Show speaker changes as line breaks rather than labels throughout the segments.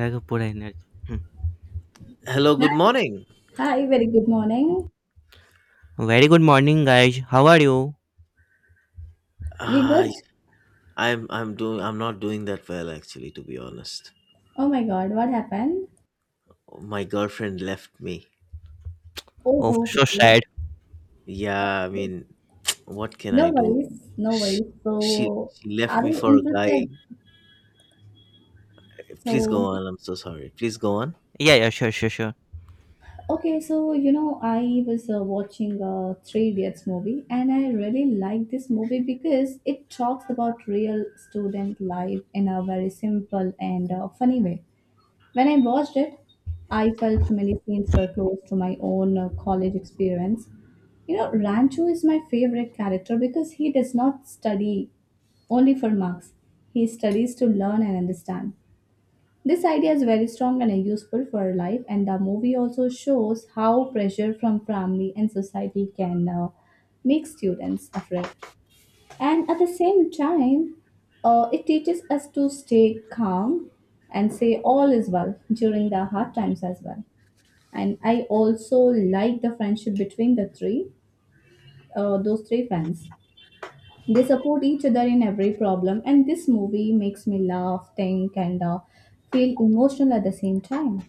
I could energy.
Hello,
Hi,
good morning.
hi, very good morning.
Hmm. Very good morning, guys. How are you?
We good?
I I'm not doing that well actually to be honest.
Oh my God, what happened?
My girlfriend left me.
Oh,
Oh,
ho,
so
ho.
sad.
Yeah, I
That's...
mean, what can
No
I do?
worries, no
She
worries.
she,
So,
she left
are
me
you
for a guy.
interested?
Please go
So,
on. I'm so sorry. Please go on.
Yeah, yeah, sure, sure, sure.
okay, so you know, I was watching a Three Idiots movie, and I really like this movie because it talks about real student life in a very simple and funny way. When I watched it, I felt many scenes were close to my own college experience. You know, Rancho is my favorite character because he does not study only for marks, he studies to learn and understand. This idea is very strong and useful for life, and the movie also shows how pressure from family and society can make students afraid. And at the same time, it teaches us to stay calm and say all is well during the hard times as well. And I also like the friendship between those three friends. They support each other in every problem, and this movie makes me laugh, think, and feel emotional at the same time.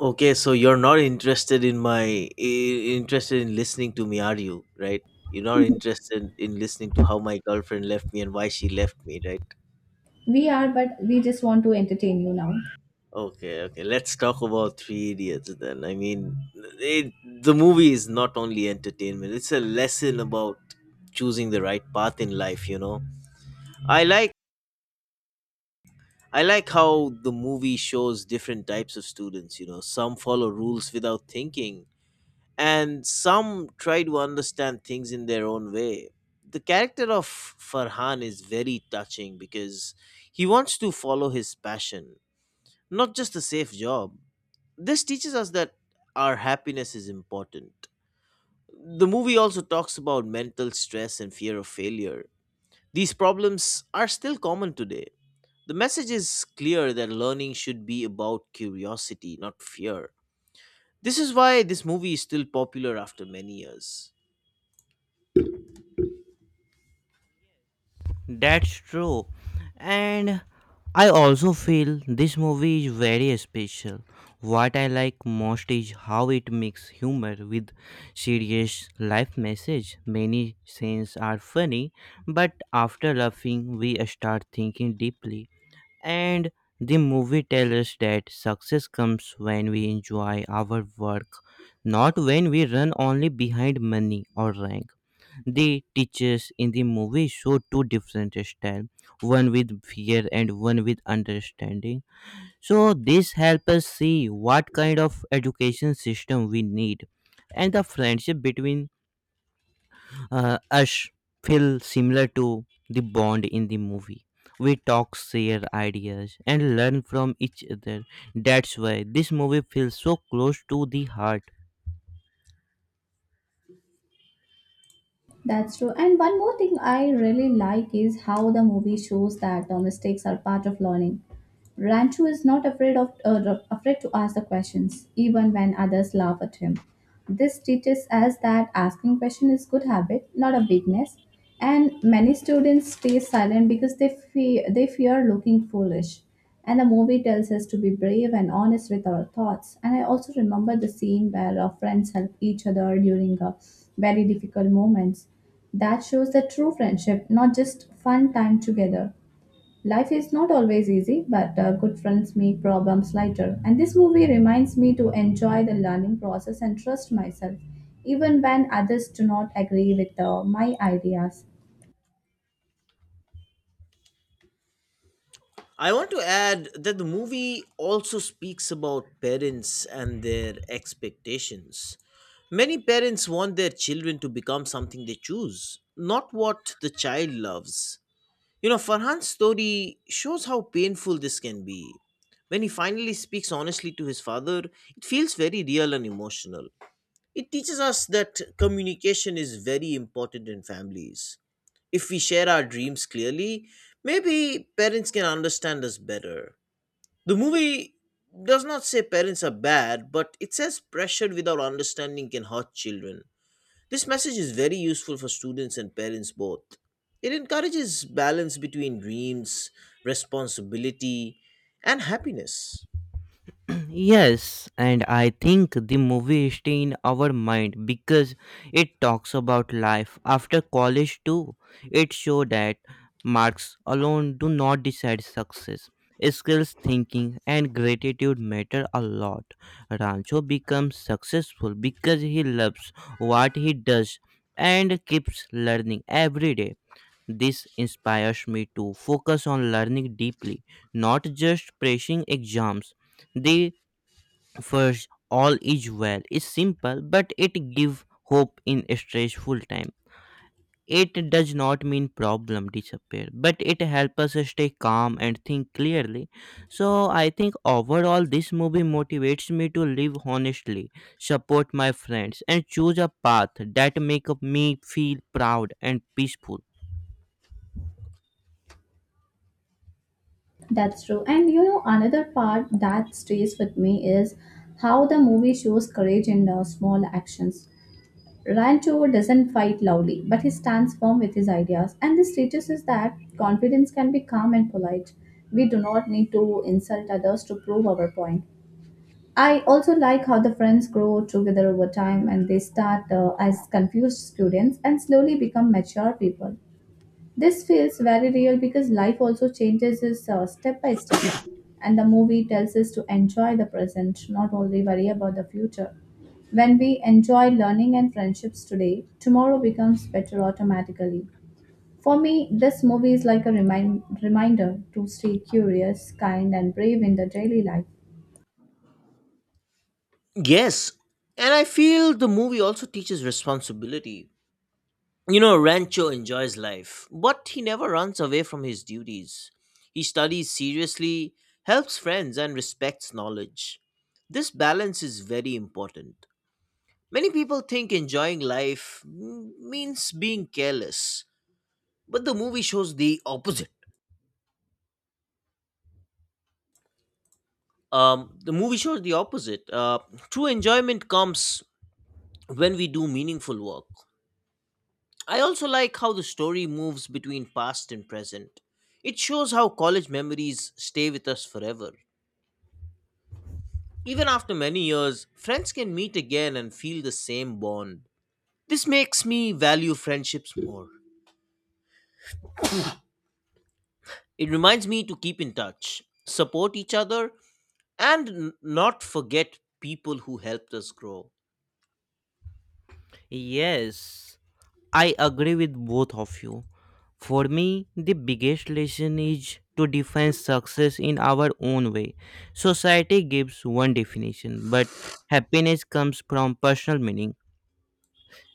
Okay, so you're not interested in interested in listening to me, are you? Right? You're not interested in listening to how my girlfriend left me and why she left me, right?
We are, but we just want to entertain you now.
Okay, okay. Let's talk about Three Idiots then. The movie is not only entertainment; it's a lesson about choosing the right path in life. You know, I like I like how the movie shows different types of students. You know, some follow rules without thinking, and some try to understand things in their own way. The character of Farhan is very touching because he wants to follow his passion, not just a safe job. This teaches us that our happiness is important. The movie also talks about mental stress and fear of failure. These problems are still common today. The message is clear that learning should be about curiosity, not fear. This is why this movie is still popular after many years.
That's true. And I also feel this movie is very special. What I like most is how it mixes humor with serious life message. Many scenes are funny, but after laughing, we start thinking deeply. And the movie tells us that success comes when we enjoy our work, not when we run only behind money or rank. The teachers in the movie show two different styles, one with fear and one with understanding. So this helps us see what kind of education system we need and the friendship between us feel similar to the bond in the movie. We talk, share ideas, and learn from each other. That's why this movie feels so close to the heart.
That's true. And one more thing I really like is how the movie shows that mistakes are part of learning. Rancho is not afraid of afraid to ask the questions, even when others laugh at him. This teaches us that asking questions is good habit, not a weakness. And many students stay silent because they fear looking foolish. And the movie tells us to be brave and honest with our thoughts. And I also remember the scene where our friends help each other during very difficult moments. That shows the true friendship, not just fun time together. Life is not always easy, but good friends make problems lighter. And this movie reminds me to enjoy the learning process and trust myself, even when others do not agree with my ideas.
I want to add that the movie also speaks about parents and their expectations. Many parents want their children to become something they choose, not what the child loves. You know, Farhan's story shows how painful this can be. When he finally speaks honestly to his father, it feels very real and emotional. It teaches us that communication is very important in families. If we share our dreams clearly, maybe parents can understand us better. The movie does not say parents are bad, but it says pressure without understanding can hurt children. This message is very useful for students and parents both. It encourages balance between dreams, responsibility, and happiness.
Yes, and I think the movie stay in our mind because it talks about life after college too. It show that marks alone do not decide success. Skills, thinking, and gratitude matter a lot. Rancho becomes successful because he loves what he does and keeps learning every day. This inspires me to focus on learning deeply, not just pressing exams. The First, all is well is simple, but it give hope in a stressful time. It does not mean problem disappear, but it helps us stay calm and think clearly. So I think overall this movie motivates me to live honestly, support my friends, and choose a path that make me feel proud and peaceful.
That's true. And you know, another part that stays with me is how the movie shows courage in small actions. Rancho doesn't fight loudly, but he stands firm with his ideas. And this teaches us that confidence can be calm and polite. We do not need to insult others to prove our point. I also like how the friends grow together over time and they start as confused students and slowly become mature people. This feels very real because life also changes us step by step, and the movie tells us to enjoy the present, not only worry about the future. When we enjoy learning and friendships today, tomorrow becomes better automatically. For me, this movie is like a reminder to stay curious, kind, and brave in the daily life.
Yes, and I feel the movie also teaches responsibility. You know, Rancho enjoys life, but he never runs away from his duties. He studies seriously, helps friends, and respects knowledge. This balance is very important. Many people think enjoying life means being careless, but the movie shows the opposite. um, the movie shows the opposite uh, True enjoyment comes when we do meaningful work. I also like how the story moves between past and present. It shows how college memories stay with us forever. Even after many years, friends can meet again and feel the same bond. This makes me value friendships more. It reminds me to keep in touch, support each other, and not forget people who helped us grow.
Yes. I agree with both of you. For me, the biggest lesson is to define success in our own way. Society gives one definition, but happiness comes from personal meaning.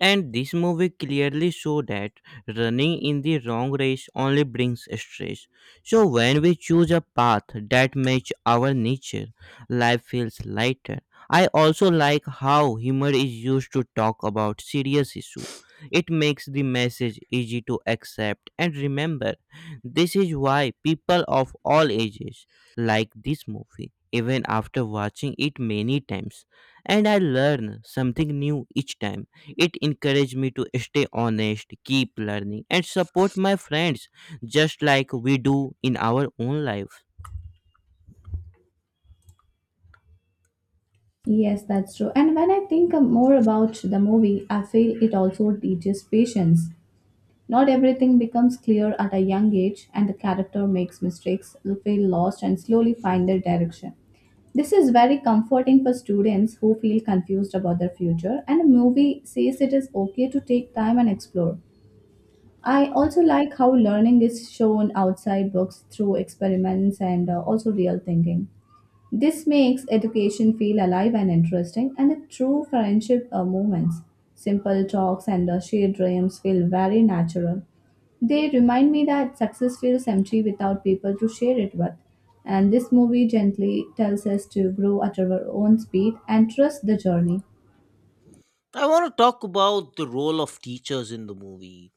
And this movie clearly show that running in the wrong race only brings stress. So when we choose a path that match our nature, life feels lighter. I also like how humor is used to talk about serious issue. It makes the message easy to accept and remember. This is why people of all ages like this movie even after watching it many times, and I learn something new each time. It encouraged me to stay honest, keep learning, and support my friends just like we do in our own life.
Yes, that's true. And when I think more about the movie, I feel it also teaches patience. Not everything becomes clear at a young age, and the character makes mistakes, feel lost, and slowly find their direction. This is very comforting for students who feel confused about their future, and the movie says it is okay to take time and explore. I also like how learning is shown outside books through experiments and also real thinking. This makes education feel alive and interesting, and the true friendship moments, simple talks, and the shared dreams feel very natural. They remind me that success feels empty without people to share it with. And this movie gently tells us to grow at our own speed and trust the journey.
I want to talk about the role of teachers in the movie.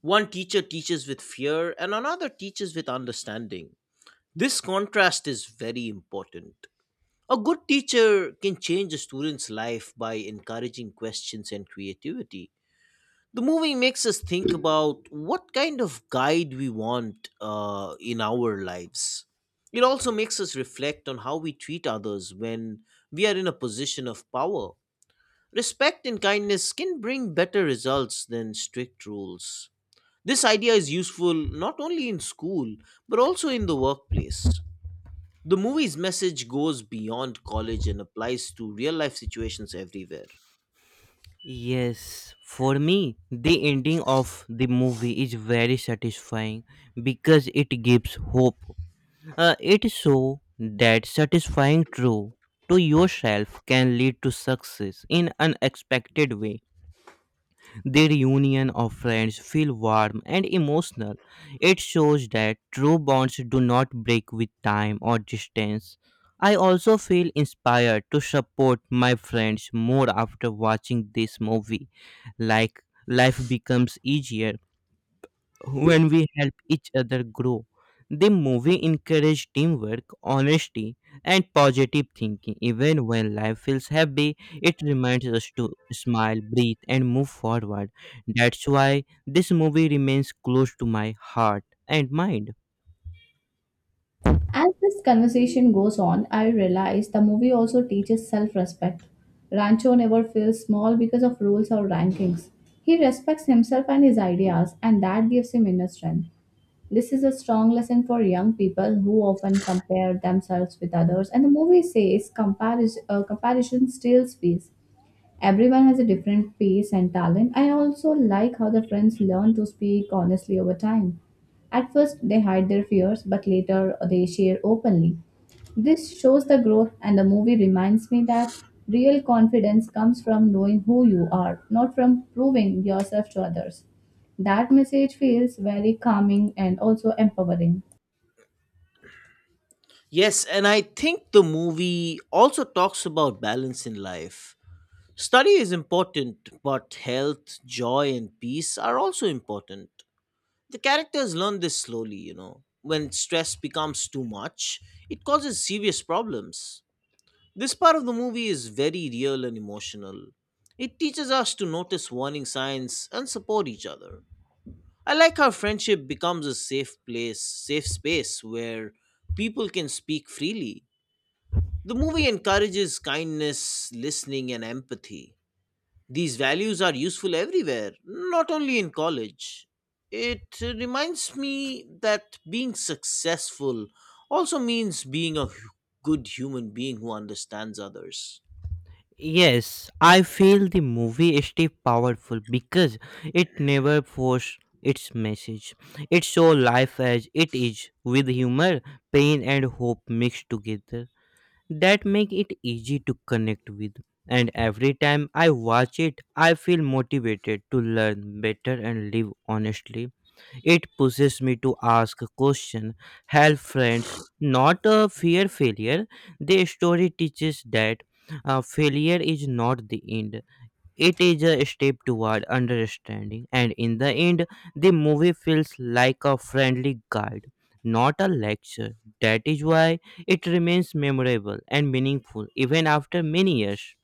One teacher teaches with fear, and another teaches with understanding. This contrast is very important. A good teacher can change a student's life by encouraging questions and creativity. The movie makes us think about what kind of guide we want in our lives. It also makes us reflect on how we treat others when we are in a position of power. Respect and kindness can bring better results than strict rules. This idea is useful not only in school, but also in the workplace. The movie's message goes beyond college and applies to real life situations everywhere.
Yes, for me, the ending of the movie is very satisfying because it gives hope. It shows that satisfying true to yourself can lead to success in unexpected way. Their reunion of friends feel warm and emotional. It shows that true bonds do not break with time or distance. I also feel inspired to support my friends more after watching this movie. Like life becomes easier when we help each other grow. The movie encouraged teamwork, honesty, and positive thinking. Even when life feels heavy, it reminds us to smile, breathe, and move forward. That's why this movie remains close to my heart and mind.
As this conversation goes on, I realize the movie also teaches self respect. Rancho never feels small because of rules or rankings. He respects himself and his ideas, and that gives him inner strength. This is a strong lesson for young people who often compare themselves with others, and the movie says comparison steals peace. Everyone has a different pace and talent. I also like how the friends learn to speak honestly over time. At first, they hide their fears, but later they share openly. This shows the growth, and the movie reminds me that real confidence comes from knowing who you are, not from proving yourself to others. That message feels very calming and also empowering.
Yes, and I think the movie also talks about balance in life. Study is important, but health, joy, and peace are also important. The characters learn this slowly, you know. When stress becomes too much, it causes serious problems. This part of the movie is very real and emotional. It teaches us to notice warning signs and support each other. I like how friendship becomes a safe place, safe space where people can speak freely. The movie encourages kindness, listening, and empathy. These values are useful everywhere, not only in college. It reminds me that being successful also means being a good human being who understands others.
Yes, I feel the movie is still powerful because it never forced its message. It shows life as it is, with humor, pain, and hope mixed together. That make it easy to connect with, and every time I watch it, I feel motivated to learn better and live honestly. It pushes me to ask questions, help friends, not fear failure. The story teaches that failure is not the end. It is a step toward understanding, and in the end, the movie feels like a friendly guide, not a lecture. That is why it remains memorable and meaningful even after many years.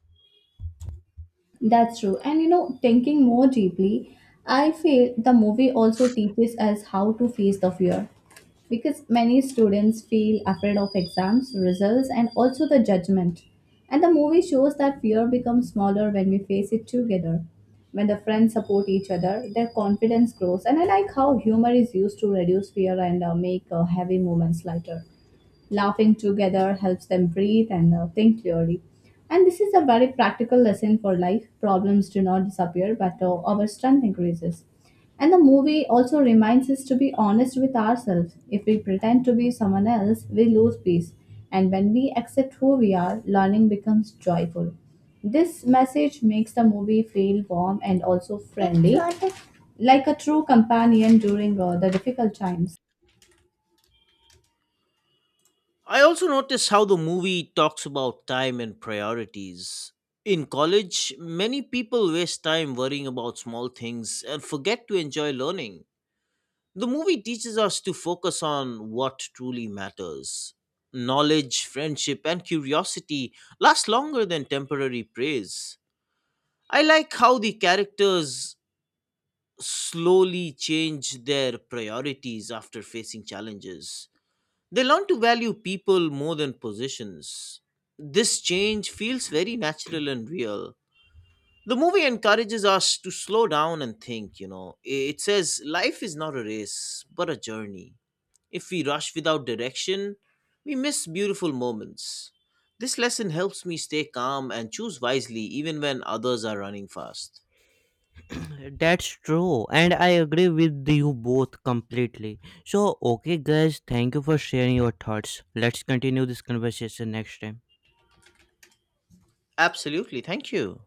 That's true. And you know, thinking more deeply, I feel the movie also teaches us how to face the fear. Because many students feel afraid of exams, results, and also the judgment. And the movie shows that fear becomes smaller when we face it together. When the friends support each other, their confidence grows. And I like how humor is used to reduce fear and make heavy moments lighter. Laughing together helps them breathe and think clearly. And this is a very practical lesson for life. Problems do not disappear, but our strength increases. And the movie also reminds us to be honest with ourselves. If we pretend to be someone else, we lose peace. And when we accept who we are, learning becomes joyful. This message makes the movie feel warm and also friendly, like a true companion during the difficult times.
I also notice how the movie talks about time and priorities. In college, many people waste time worrying about small things and forget to enjoy learning. The movie teaches us to focus on what truly matters. Knowledge, friendship, and curiosity last longer than temporary praise. I like how the characters slowly change their priorities after facing challenges. They learn to value people more than positions. This change feels very natural and real. The movie encourages us to slow down and think, you know. It says life is not a race but a journey. If we rush without direction, we miss beautiful moments. This lesson helps me stay calm and choose wisely even when others are running fast.
That's true, and I agree with you both completely. So, okay, guys, thank you for sharing your thoughts. Let's continue this conversation next time.
Absolutely, thank you.